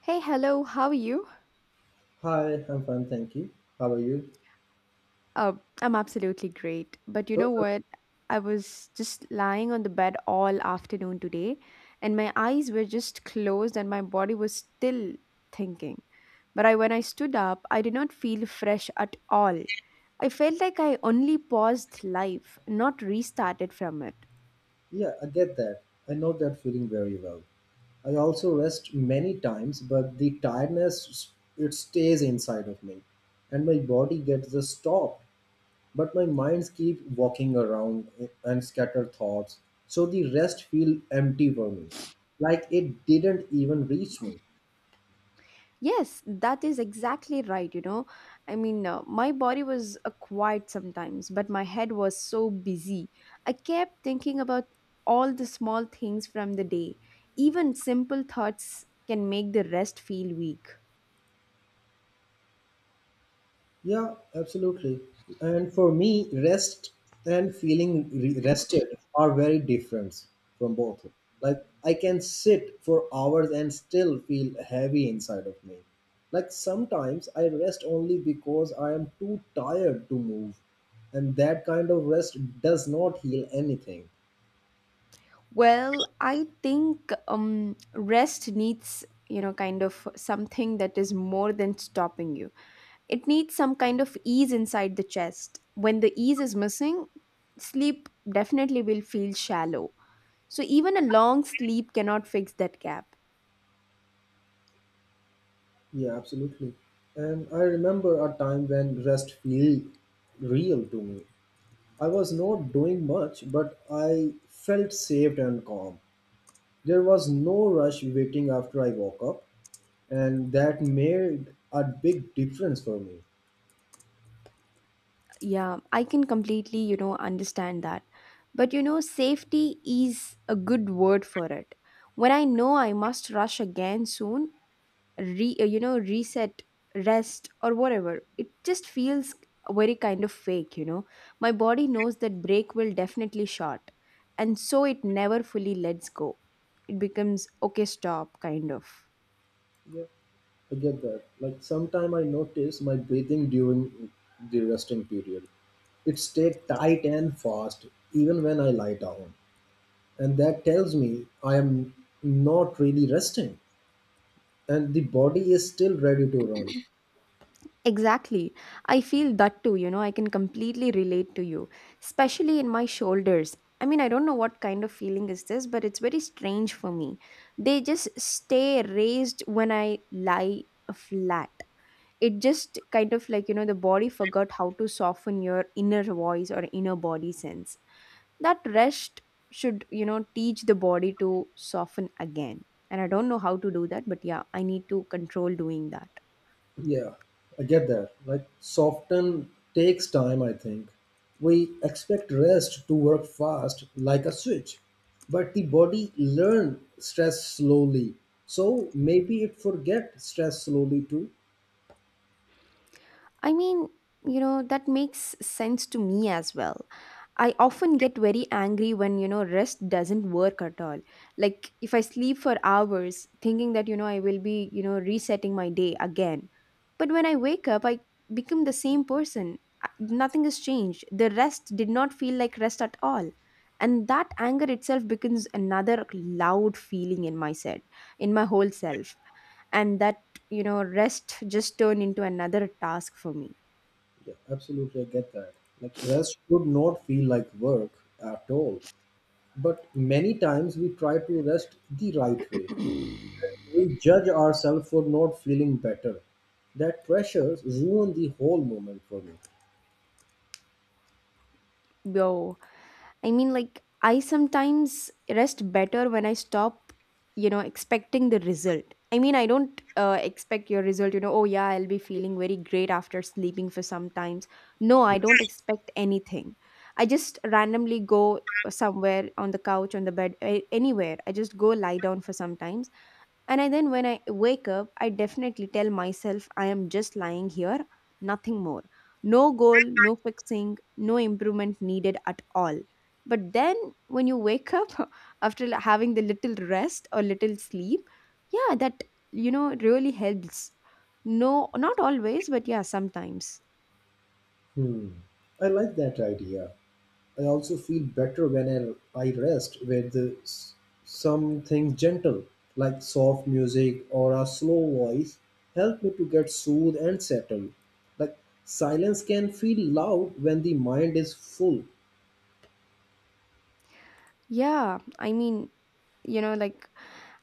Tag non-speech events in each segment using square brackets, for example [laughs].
Hey, hello, how are you? Hi, I'm fine, thank you. How are you? Uh, I'm absolutely great. But you So, know so- what? I was just lying on the bed all afternoon today, and my eyes were just closed, and my body was still thinking. When I stood up, I did not feel fresh at all. I felt like I only paused life, not restarted from it. yeah, I get that. I know that feeling very well. I also rest many times, but the tiredness it stays inside of me, and my body gets the stop, but my minds keep walking around and scatter thoughts. So the rest feel empty for me, like it didn't even reach me. Yes, that is exactly right. You know, I mean, my body was quiet sometimes, but my head was so busy. I kept thinking about all the small things from the day. Even simple thoughts can make the rest feel weak. Yeah, absolutely. And for me, rest and feeling rested are very different from both. Like I can sit for hours and still feel heavy inside of me. Like sometimes I rest only because I am too tired to move, and that kind of rest does not heal anything. Well, I think rest needs, you know, kind of something that is more than stopping you. It needs some kind of ease inside the chest. When the ease is missing, sleep definitely will feel shallow. So even a long sleep cannot fix that gap. Yeah, absolutely. And I remember a time when rest feel real to me. I was not doing much, but I felt saved and calm. There was no rush waiting after I woke up, and that made a big difference for me. Yeah, I can completely, you know, understand that. But you know, safety is a good word for it. When I know I must rush again soon, re you know, reset, rest, or whatever, it just feels very kind of fake, you know. My body knows that break will definitely short, and so it never fully lets go. It becomes okay stop kind of. Yeah, I get that. Like sometime I notice my breathing during the resting period. It stayed tight and fast even when I lie down, and that tells me I am not really resting, and the body is still ready to run. [clears throat] Exactly. I feel that too, you know, I can completely relate to you, especially in my shoulders. I mean, I don't know what kind of feeling is this, but it's very strange for me. They just stay raised when I lie flat. It just kind of like, you know, the body forgot how to soften your inner voice or inner body sense. That rest should, you know, teach the body to soften again, and I don't know how to do that, but yeah, I need to control doing that. Yeah, I get that. Like, soften takes time, I think. We expect rest to work fast like a switch, but the body learn stress slowly. So maybe it forget stress slowly too. I mean, you know, that makes sense to me as well. I often get very angry when, you know, rest doesn't work at all. Like if I sleep for hours thinking that, you know, I will be, you know, resetting my day again. But when I wake up, I become the same person. Nothing has changed. The rest did not feel like rest at all. And that anger itself becomes another loud feeling in my set, in my whole self. And that, you know, rest just turned into another task for me. Yeah, absolutely, I get that. Like, rest should not feel like work at all. But many times we try to rest the right way. We judge ourselves for not feeling better. That pressure ruin the whole moment for me. Yo. I mean, like, I sometimes rest better when I stop, you know, expecting the result. I mean, I don't expect your result, you know, oh yeah, I'll be feeling very great after sleeping for some times. No, I don't expect anything. I just randomly go somewhere on the couch, on the bed, anywhere. I just go lie down for some time, and I then when I wake up, I definitely tell myself I am just lying here, nothing more. No goal, no fixing, no improvement needed at all. But then when you wake up [laughs] after having the little rest or little sleep, yeah, that, you know, really helps. No, not always, but yeah, sometimes. Hmm. I like that idea. I also feel better when I rest with something gentle, like soft music or a slow voice, help me to get soothed and settled. Like silence can feel loud when the mind is full. Yeah, I mean, you know, like,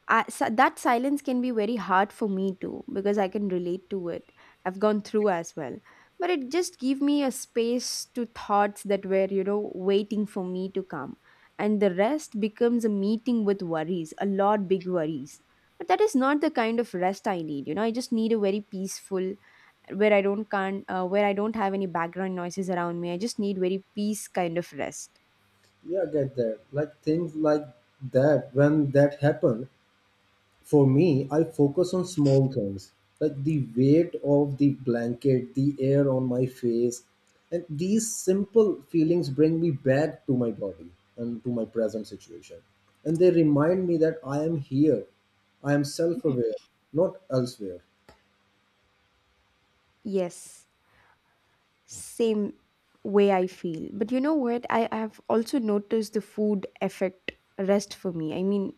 that silence can be very hard for me too, because I can relate to it. I've gone through as well, but it just gave me a space to thoughts that were, you know, waiting for me to come, and the rest becomes a meeting with worries, a lot big worries. But that is not the kind of rest I need, you know. I just need a very peaceful, where I don't have any background noises around me. I just need very peace kind of rest. Yeah, I get that. Like things like that, when that happen, for me, I focus on small things like the weight of the blanket, the air on my face, and these simple feelings bring me back to my body and to my present situation. And they remind me that I am here, I am self aware, not elsewhere. Yes. Same way I feel. But you know what? I have also noticed the food effect rest for me. I mean,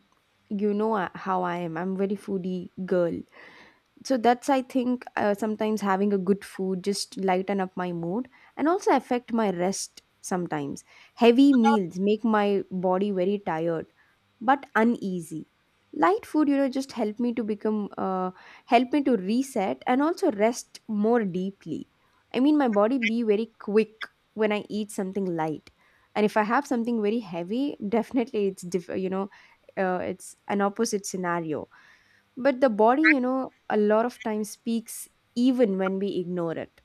you know, how I am. I'm very foodie girl, so that's, I think, sometimes having a good food just lighten up my mood and also affect my rest sometimes. Heavy meals make my body very tired but uneasy. Light food, you know, just help me to become help me to reset and also rest more deeply. I mean, my body be very quick when I eat something light, and if I have something very heavy, [laughs] definitely you know, it's an opposite scenario. But the body, you know, a lot of times speaks even when we ignore it.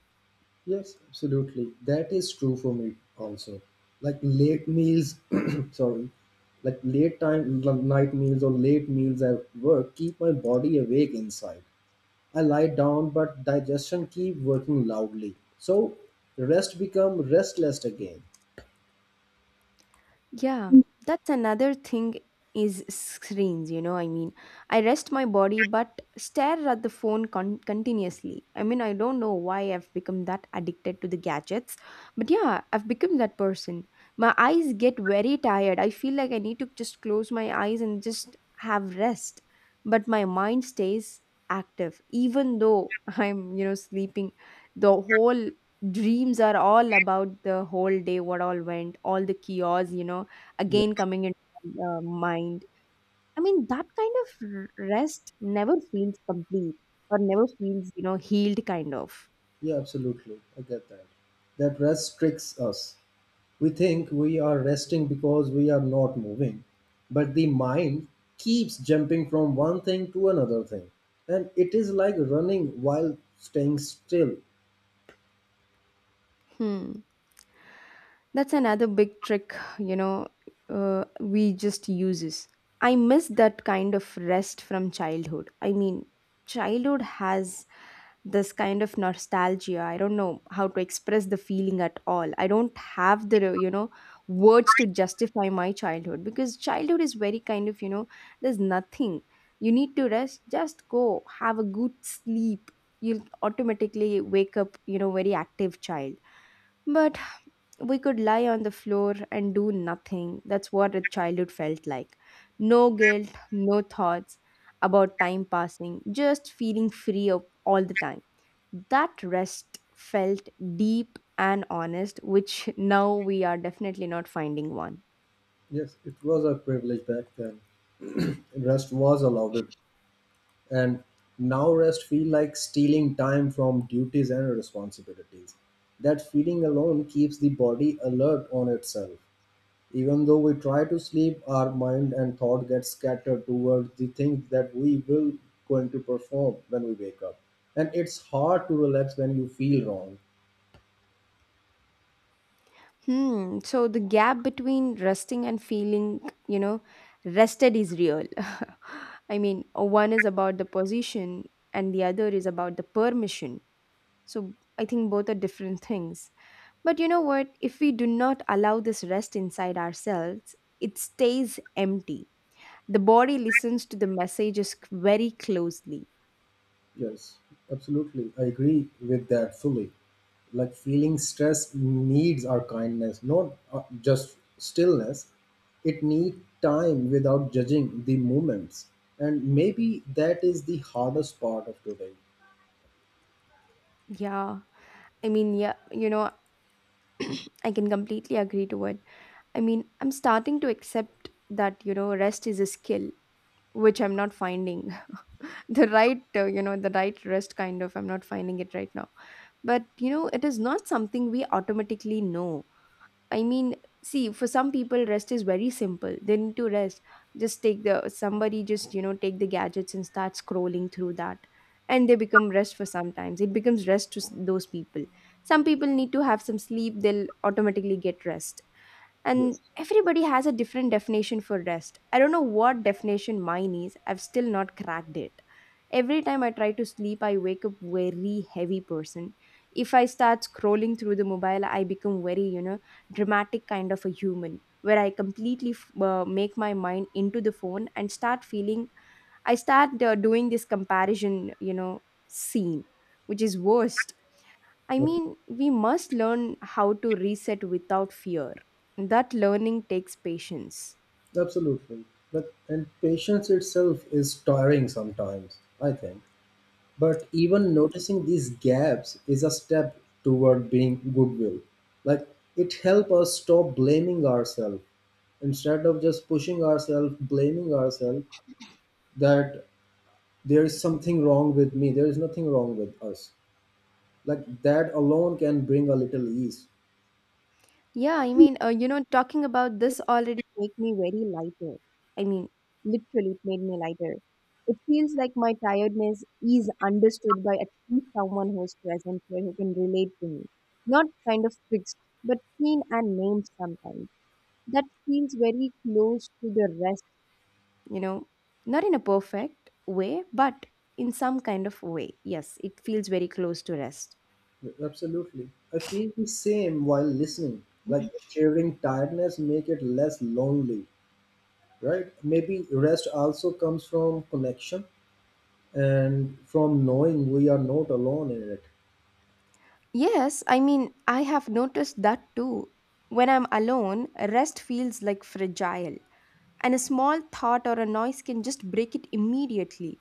Yes, absolutely. That is true for me also. Like late meals, [clears throat] sorry, like late time, night meals or late meals at work keep my body awake inside. I lie down, but digestion keep working loudly. So rest become restless again. Yeah, that's another thing is screens, you know. I mean, I rest my body but stare at the phone continuously. I mean, I don't know why I've become that addicted to the gadgets, but yeah, I've become that person. My eyes get very tired. I feel like I need to just close my eyes and just have rest, but my mind stays active even though [laughs] I'm, you know, sleeping. The whole dreams are all about the whole day, what all went, all the chaos, you know, Yeah, again coming into my mind. I mean, that kind of rest never feels complete or never feels, you know, healed kind of. yeah, absolutely. I get that. That rest tricks us. We think we are resting because we are not moving, but the mind keeps jumping from one thing to another thing, and it is like running while staying still. Hmm. That's another big trick, you know, we just uses. I miss that kind of rest from childhood. I mean, childhood has this kind of nostalgia. I don't know how to express the feeling at all. I don't have the, you know, words to justify my childhood, because childhood is very kind of, you know, there's nothing. You need to rest, just go, have a good sleep. You'll automatically wake up, you know, very active child. But we could lie on the floor and do nothing. That's what a childhood felt like. No guilt, no thoughts about time passing, just feeling free of all the time. That rest felt deep and honest, which [laughs] now we are definitely not finding one. Yes, it was a privilege back then. [clears throat] Rest was allowed. And now rest feel like stealing time from duties and responsibilities. That feeling alone keeps the body alert on itself. Even though we try to sleep, our mind and thought get scattered towards the things that we will going to perform when we wake up, and it's hard to relax when you feel wrong. Hmm. So the gap between resting and feeling, you know, rested is real. [laughs] I mean, one is about the position and the other is about the permission. So I think both are different things. But you know what? If we do not allow this rest inside ourselves, it stays empty. The body listens to the messages very closely. Yes, absolutely. I agree with that fully. Like feeling stress needs our kindness, not just stillness. It needs time without judging the moments. And maybe that is the hardest part of today. Yeah. I mean, yeah, you know, I can completely agree to it. I mean, I'm starting to accept that, you know, rest is a skill, which I'm not finding. [laughs] The right, you know, the right rest kind of, I'm not finding it right now. But, you know, it is not something we automatically know. I mean, see, for some people, rest is very simple. They need to rest. Just take the somebody just, you know, take the gadgets and start scrolling through that, and they become rest for sometimes. It becomes rest to those people. Some people need to have some sleep. They'll automatically get rest. And Yes. everybody has a different definition for rest. I don't know what definition mine is. I've still not cracked it. Every time I try to sleep, I wake up very heavy person. If I start scrolling through the mobile, I become very, you know, dramatic kind of a human, where make my mind into the phone and start feeling. I start doing this comparison, you know, scene, which is worst. I Okay. mean, we must learn how to reset without fear. That learning takes patience. Absolutely. But and patience itself is tiring sometimes, I think. But even noticing these gaps is a step toward being goodwill. Like it helps us stop blaming ourselves instead of just pushing ourselves, blaming ourselves that there is something wrong with me, there is nothing wrong with us. Like that alone can bring a little ease. Yeah, I mean, you know, talking about this already make me very lighter. I mean, literally, it made me lighter. It feels like my tiredness is understood by at least someone who's present here who can relate to me. Not kind of fixed, but seen and named sometimes. That feels very close to the rest, you know, not in a perfect way, but in some kind of way. Yes, it feels very close to rest. Absolutely. I feel the same while listening. Like sharing tiredness make it less lonely, right? Maybe rest also comes from connection and from knowing we are not alone in it. Yes, I mean, I have noticed that too. When I'm alone, rest feels like fragile, and a small thought or a noise can just break it immediately.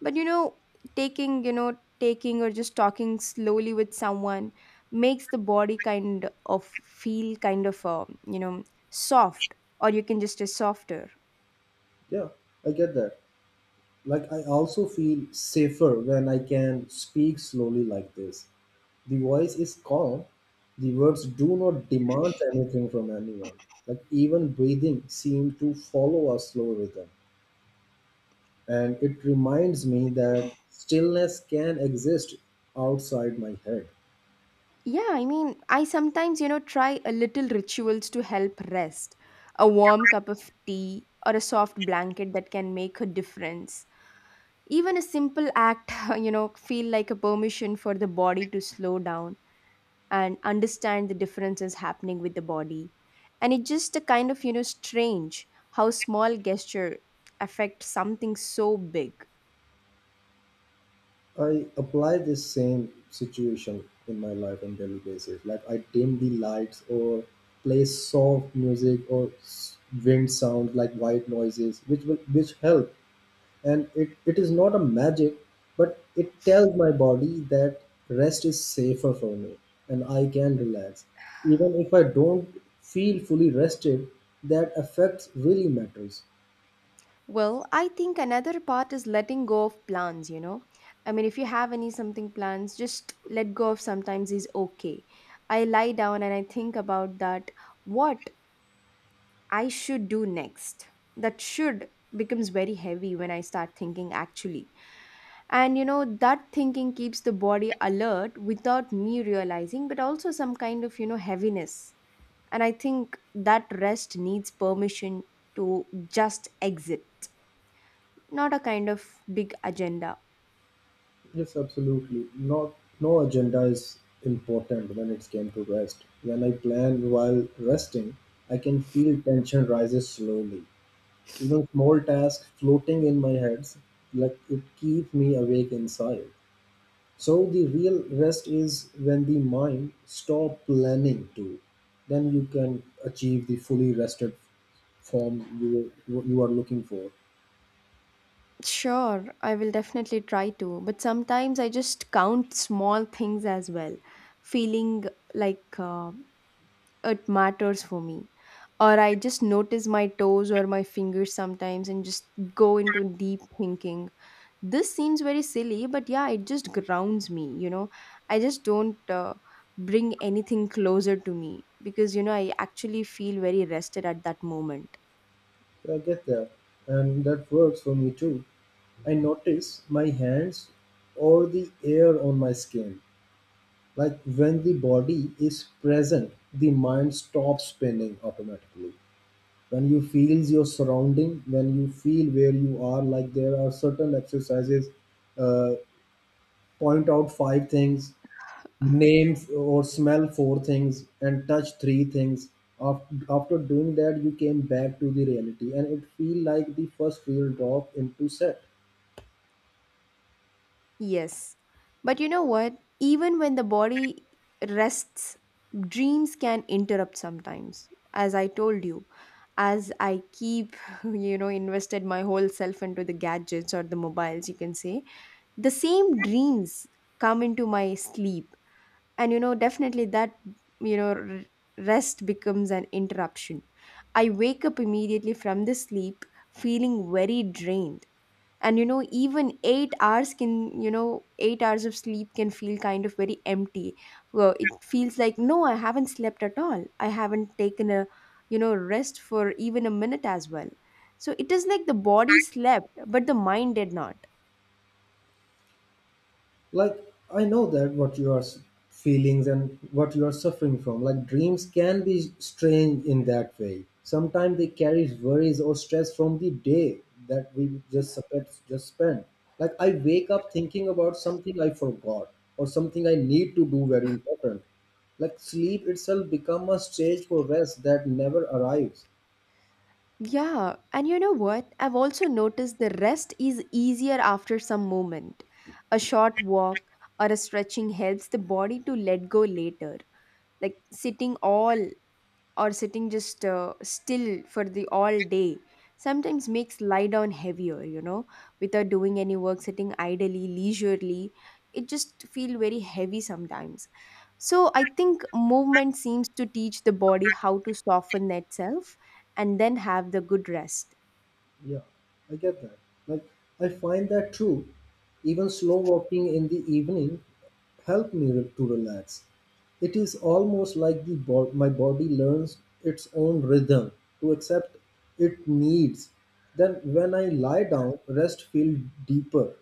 But you know, taking or just talking slowly with someone makes the body kind of feel kind of, you know, soft, or you can just say softer. Yeah, I get that. Like, I also feel safer when I can speak slowly like this. The voice is calm, the words do not demand anything from anyone. Like, even breathing seems to follow a slow rhythm. And it reminds me that stillness can exist outside my head. Yeah, I mean, I sometimes, you know, try a little rituals to help rest. A warm cup of tea or a soft blanket that can make a difference. Even a simple act, [laughs] you know, feel like a permission for the body to slow down and understand the differences happening with the body. And it's just a kind of, you know, strange how small gesture affect something so big. I apply this same situation in my life on daily basis. Like I dim the lights or play soft music or wind sounds like white noises, which will which help. And it is not a magic, but it tells my body that rest is safer for me and I can relax. Even if I don't feel fully rested, that effect really matters. Well, I think another part is letting go of plans, you know. I mean, if you have any something plans, just let go of sometimes is okay. I lie down and I think about that what I should do next. That should becomes very heavy when I start thinking actually. And you know, that thinking keeps the body alert without me realizing, but also some kind of, you know, heaviness. And I think that rest needs permission to just exit not a kind of big agenda. Yes, absolutely. Not no agenda is important when it came to rest. When I plan while resting, I can feel tension rises slowly. Even small tasks floating in my head, like it keep me awake inside. So the real rest is when the mind stop planning to. Then you can achieve the fully rested form you are looking for. Sure, I will definitely try to, but sometimes I just count small things as well, feeling like it matters for me. Or I just notice my toes or my fingers sometimes and just go into deep thinking. This seems very silly, but yeah, it just grounds me, you know. I just don't bring anything closer to me because, you know, I actually feel very rested at that moment. Yeah, I get that, and that works for me too. I notice my hands or the air on my skin. Like when the body is present, the mind stops spinning automatically. When you feel your surrounding, when you feel where you are, like there are certain exercises, uh, point out five things, name or smell four things, and touch three things. Af- After doing that, you came back to the reality, and it feel like the first real drop into set. Yes. But you know what? Even when the body rests, dreams can interrupt sometimes. As I told you, as I keep, [laughs] you know, invested my whole self into the gadgets or the mobiles, you can say, the same dreams come into my sleep. And, you know, definitely that, you know, r- rest becomes an interruption. I wake up immediately from the sleep feeling very drained, and you know, even 8 hours can, you know, 8 hours of sleep can feel kind of very empty. Well, it feels like no, I haven't slept at all, I haven't taken a, you know, rest for even a minute as well. So it is like the body slept but the mind did not. Like I know that what your feelings and what you are suffering from. Like dreams can be strange in that way. Sometimes they carry worries or stress from the day that we just just spent. Like I wake up thinking about something I forgot or something I need to do very important. Like sleep itself become a stage for rest that never arrives. Yeah, and you know what? I've also noticed the rest is easier after some moment. A short walk or a stretching helps the body to let go later. Like sitting all or sitting just still for the all day sometimes makes lie down heavier, you know. Without doing any work, sitting idly, leisurely, it just feel very heavy sometimes. So I think movement seems to teach the body how to soften itself and then have the good rest. Yeah, I get that. Like, I find that true. Even slow walking in the evening help me to relax. It is almost like the my body learns its own rhythm to accept it needs. Then when I lie down, rest feels deeper.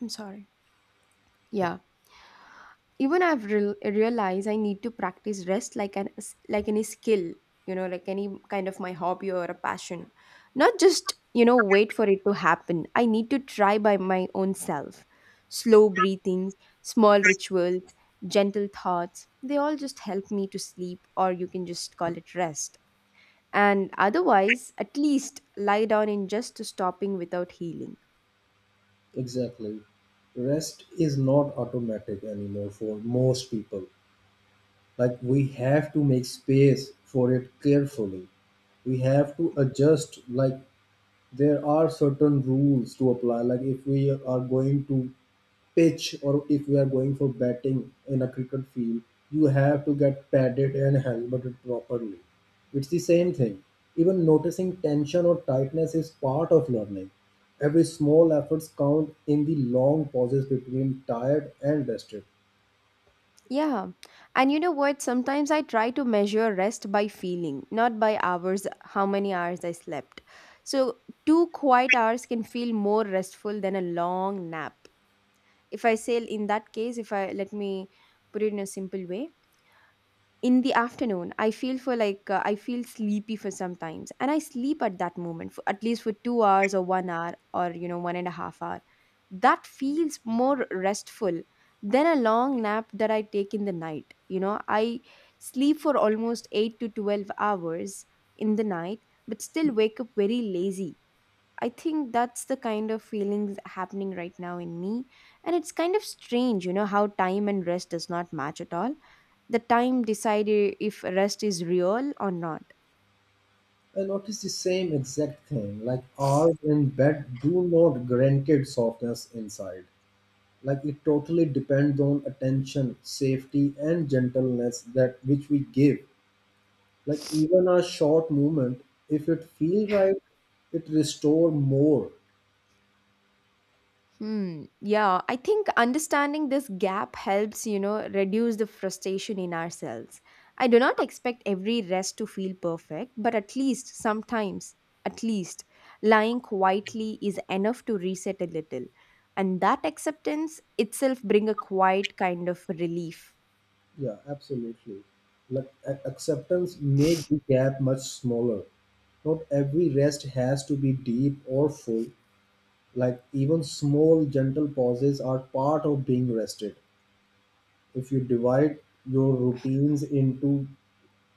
I'm sorry. Yeah, even I've realized I need to practice rest like an like any skill, you know, like any kind of my hobby or a passion, not just, you know, wait for it to happen. I need to try by my own self. Slow breathings, small rituals, gentle thoughts, they all just help me to sleep, or you can just call it rest. And otherwise, at least lie down in just stopping without healing. Exactly. Rest is not automatic anymore for most people. Like we have to make space for it carefully. We have to adjust, like there are certain rules to apply. Like if we are going to pitch or if we are going for batting in a cricket field, you have to get padded and helmeted properly. It's the same thing. Even noticing tension or tightness is part of learning. Every small efforts count in the long pauses between tired and rested. Yeah. And you know what? Sometimes I try to measure rest by feeling, not by hours, how many hours I slept. So, 2 quiet hours can feel more restful than a long nap. If I say in that case, if I let me put it in a simple way, in the afternoon I feel for like I feel sleepy for sometimes and I sleep at that moment for at least for 2 hours or 1 hour or, you know, 1.5 hour. That feels more restful than a long nap that I take in the night. You know, I sleep for almost 8 to 12 hours in the night, but still wake up very lazy. I think that's the kind of feelings happening right now in me. And it's kind of strange, you know, how time and rest does not match at all. The time decide if rest is real or not. I notice the same exact thing. Like ours in bed do not grant it softness inside. Like it totally depends on attention, safety and gentleness that which we give. Like even a short movement, if it feel right, it restore more. Hmm. Yeah, I think understanding this gap helps, you know, reduce the frustration in ourselves. I do not expect every rest to feel perfect, but at least sometimes, at least lying quietly is enough to reset a little. And that acceptance itself bring a quiet kind of relief. Yeah, absolutely. Like acceptance make the gap much smaller. Not every rest has to be deep or full. Like even small gentle pauses are part of being rested. If you divide your routines into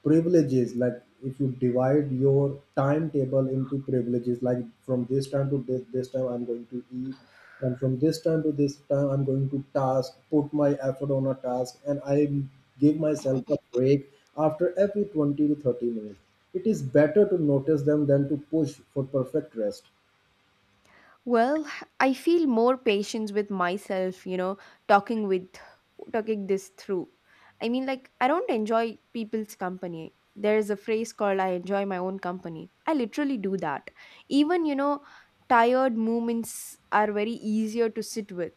privileges, like if you divide your timetable into privileges, like from this time to this, this time I'm going to eat, and from this time to this time I'm going to task, put my effort on a task, and I give myself a break after every 20 to 30 minutes. It is better to notice them than to push for perfect rest. Well, I feel more patience with myself, you know, talking with talking this through. I mean, like I don't enjoy people's company. There is a phrase called I enjoy my own company. I literally do that. Even, you know, tired moments are very easier to sit with.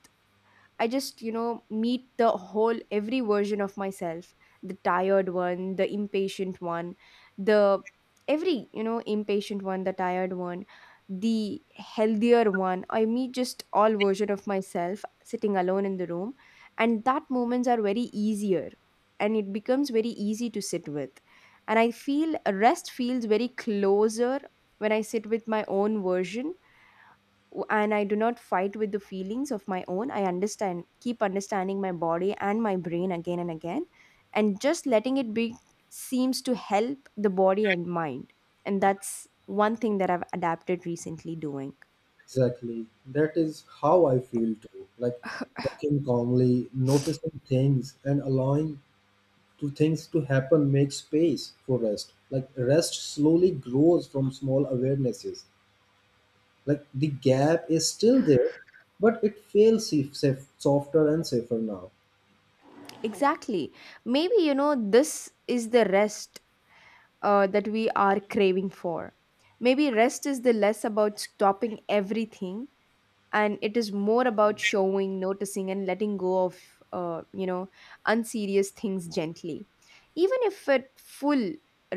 I just, you know, meet the whole, every version of myself, the tired one, the impatient one, the every, you know, impatient one, the tired one, the healthier one. I meet just all version of myself sitting alone in the room. And that moments are very easier and it becomes very easy to sit with. And I feel rest feels very closer when I sit with my own version, and I do not fight with the feelings of my own. I understand, keep understanding my body and my brain again and again, and just letting it be seems to help the body and mind. And that's one thing that I've adapted recently doing. Exactly, that is how I feel too. Like walking calmly, noticing things and allowing to things to happen make space for rest. Like rest slowly grows from small awarenesses. Like the gap is still there, but it feels safe, softer and safer now. Exactly. Maybe, you know, this is the rest that we are craving for. Maybe rest is the less about stopping everything and it is more about showing noticing and letting go of you know, unserious things gently. Even if a full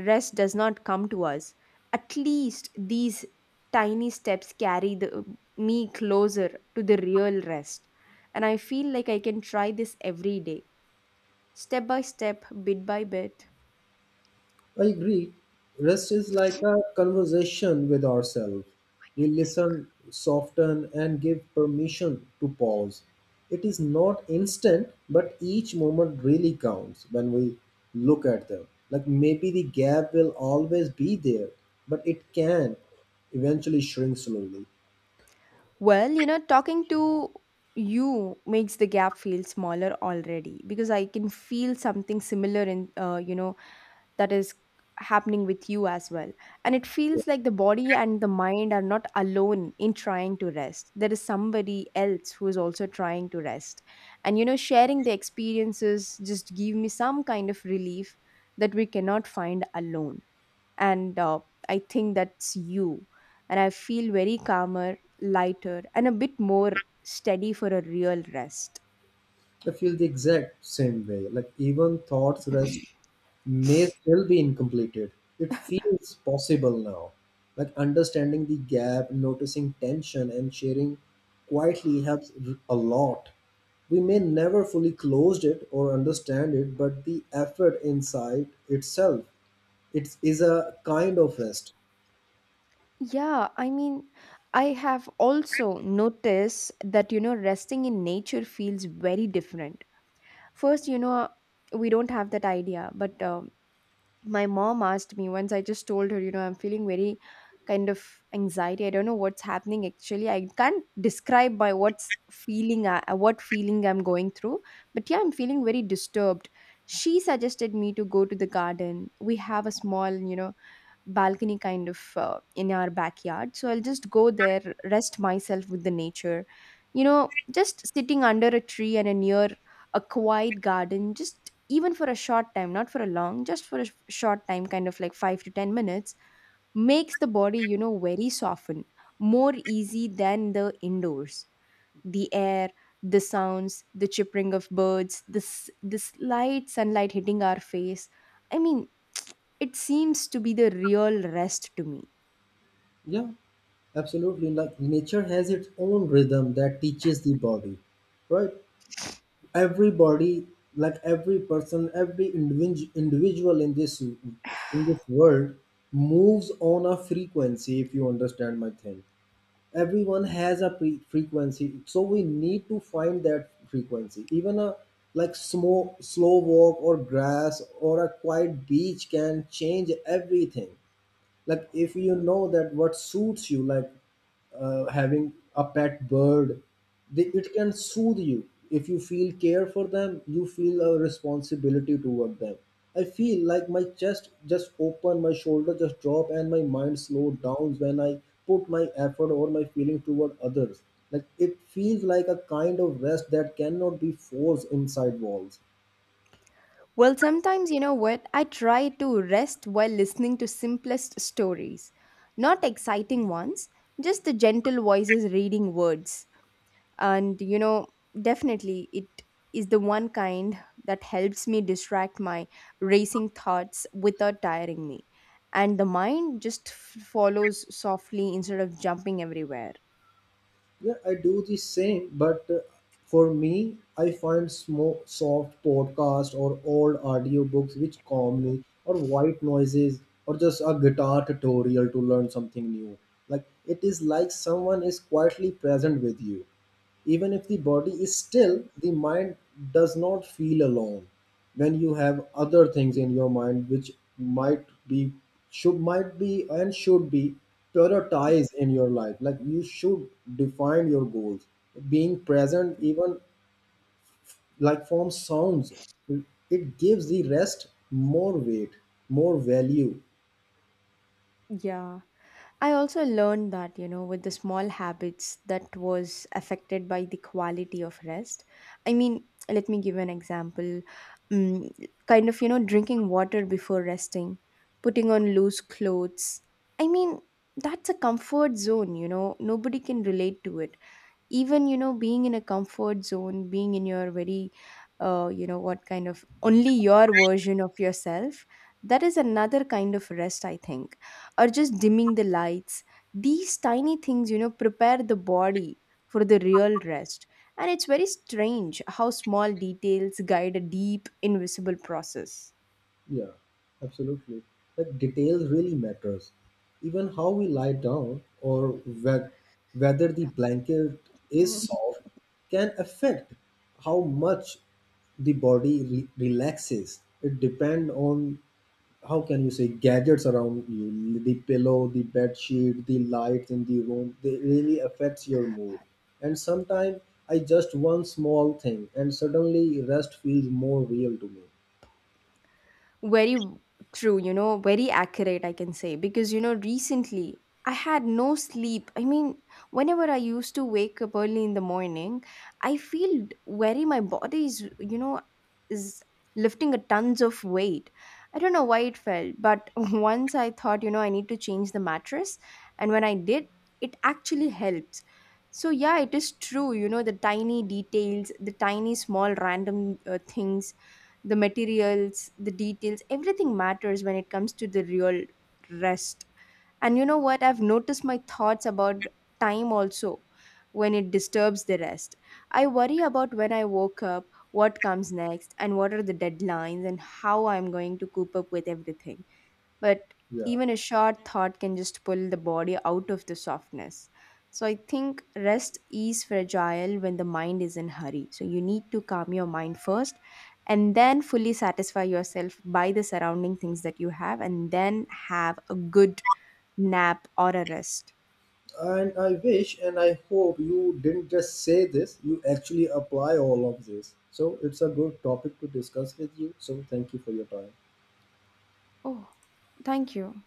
rest does not come to us, at least these tiny steps carry the, me closer to the real rest. And I feel like I can try this every day, step by step, bit by bit. I agree. Rest is like a conversation with ourselves. We listen, soften, and give permission to pause. It is not instant, but each moment really counts when we look at them. Like maybe the gap will always be there, but it can eventually shrink slowly. Well, you know, talking to you makes the gap feel smaller already because I can feel something similar in, you know, that is happening with you as well. And it feels like the body and the mind are not alone in trying to rest. There is somebody else who is also trying to rest. And you know, sharing the experiences just give me some kind of relief that we cannot find alone. And I think that's you. And I feel very calmer, lighter, and a bit more steady for a real rest. I feel the exact same way. Like even thoughts rest [clears throat] may still be incompleted. It feels possible now. Like understanding the gap, noticing tension, and sharing quietly helps a lot. We may never fully closed it or understand it, but the effort inside itself, it is a kind of rest. Yeah, I mean, I have also noticed that, you know, resting in nature feels very different. First, you know, we don't have that idea, but my mom asked me once. I just told her, you know, I'm feeling very kind of anxiety. I don't know what's happening actually. I can't describe by what's feeling, I, what feeling I'm going through, but yeah, I'm feeling very disturbed. She suggested me to go to the garden. We have a small, you know, balcony kind of in our backyard, so I'll just go there, rest myself with the nature. You know, just sitting under a tree and a near a quiet garden, just even for a short time, not for a long, just for a short time, kind of like 5 to 10 minutes, makes the body, you know, very soften, more easy than the indoors. The air, the sounds, the chirping of birds, this the the slight sunlight hitting our face, I mean, it seems to be the real rest to me. Yeah, absolutely. Like nature has its own rhythm that teaches the body, right? Everybody, like every person, every individual in this world moves on a frequency, if you understand my thing. Everyone has a frequency, so we need to find that frequency. Even a like slow walk or grass or a quiet beach can change everything. Like if you know that what suits you, like having a pet bird, it can soothe you. If you feel care for them, you feel a responsibility toward them. I feel like my chest just open, my shoulder just drop and my mind slow down when I put my effort or my feeling toward others. Like it feels like a kind of rest that cannot be forced inside walls. Well, sometimes, you know what? I try to rest while listening to simplest stories. Not exciting ones, just the gentle voices reading words. And, you know, definitely it is the one kind that helps me distract my racing thoughts without tiring me. And the mind just follows softly instead of jumping everywhere. Yeah, I do the same, but for me, I find small soft podcast or old audiobooks which calm me, or white noises, or just a guitar tutorial to learn something new. Like it is like someone is quietly present with you. Even if the body is still, the mind does not feel alone when you have other things in your mind which might be should might be and should be prioritized in your life. Like you should define your goals. Being present even like from sounds, it gives the rest more weight, more value. Yeah. I also learned that, you know, with the small habits that was affected by the quality of rest. I mean, let me give an example. Mm, kind of, you know, drinking water before resting, putting on loose clothes. I mean, that's a comfort zone, you know, nobody can relate to it. Even, you know, being in a comfort zone, being in your very you know what kind of only your version of yourself, that is another kind of rest I think. Or just dimming the lights, these tiny things, you know, prepare the body for the real rest. And it's very strange how small details guide a deep invisible process. Yeah, absolutely. Like details really matters. Even how we lie down or whe- whether the blanket is soft can affect how much the body relaxes. It depends on how can you say gadgets around you, the pillow, the bed sheet, the lights in the room. They really affects your mood. And sometimes I just one small thing, and suddenly rest feels more real to me. Very true, you know, very accurate, I can say. Because, you know, recently I had no sleep. I mean, whenever I used to wake up early in the morning, I feel very, my body is, you know, is lifting a tons of weight. I don't know why it felt, but [laughs] once I thought, you know, I need to change the mattress. And when I did, it actually helped. So, yeah, it is true, you know, the tiny details, the tiny small random things, the materials, the details, everything matters when it comes to the real rest. And you know what, I've noticed my thoughts about time also when it disturbs the rest. I worry about when I woke up, what comes next, and what are the deadlines, and how I'm going to cope up with everything. But Yeah. even a short thought can just pull the body out of the softness. So I think rest is fragile when the mind is in hurry, so you need to calm your mind first and then fully satisfy yourself by the surrounding things that you have and then have a good nap or a rest. And I wish and I hope you didn't just say this, you actually apply all of this. So it's a good topic to discuss with you. So thank you for your time. Oh, thank you.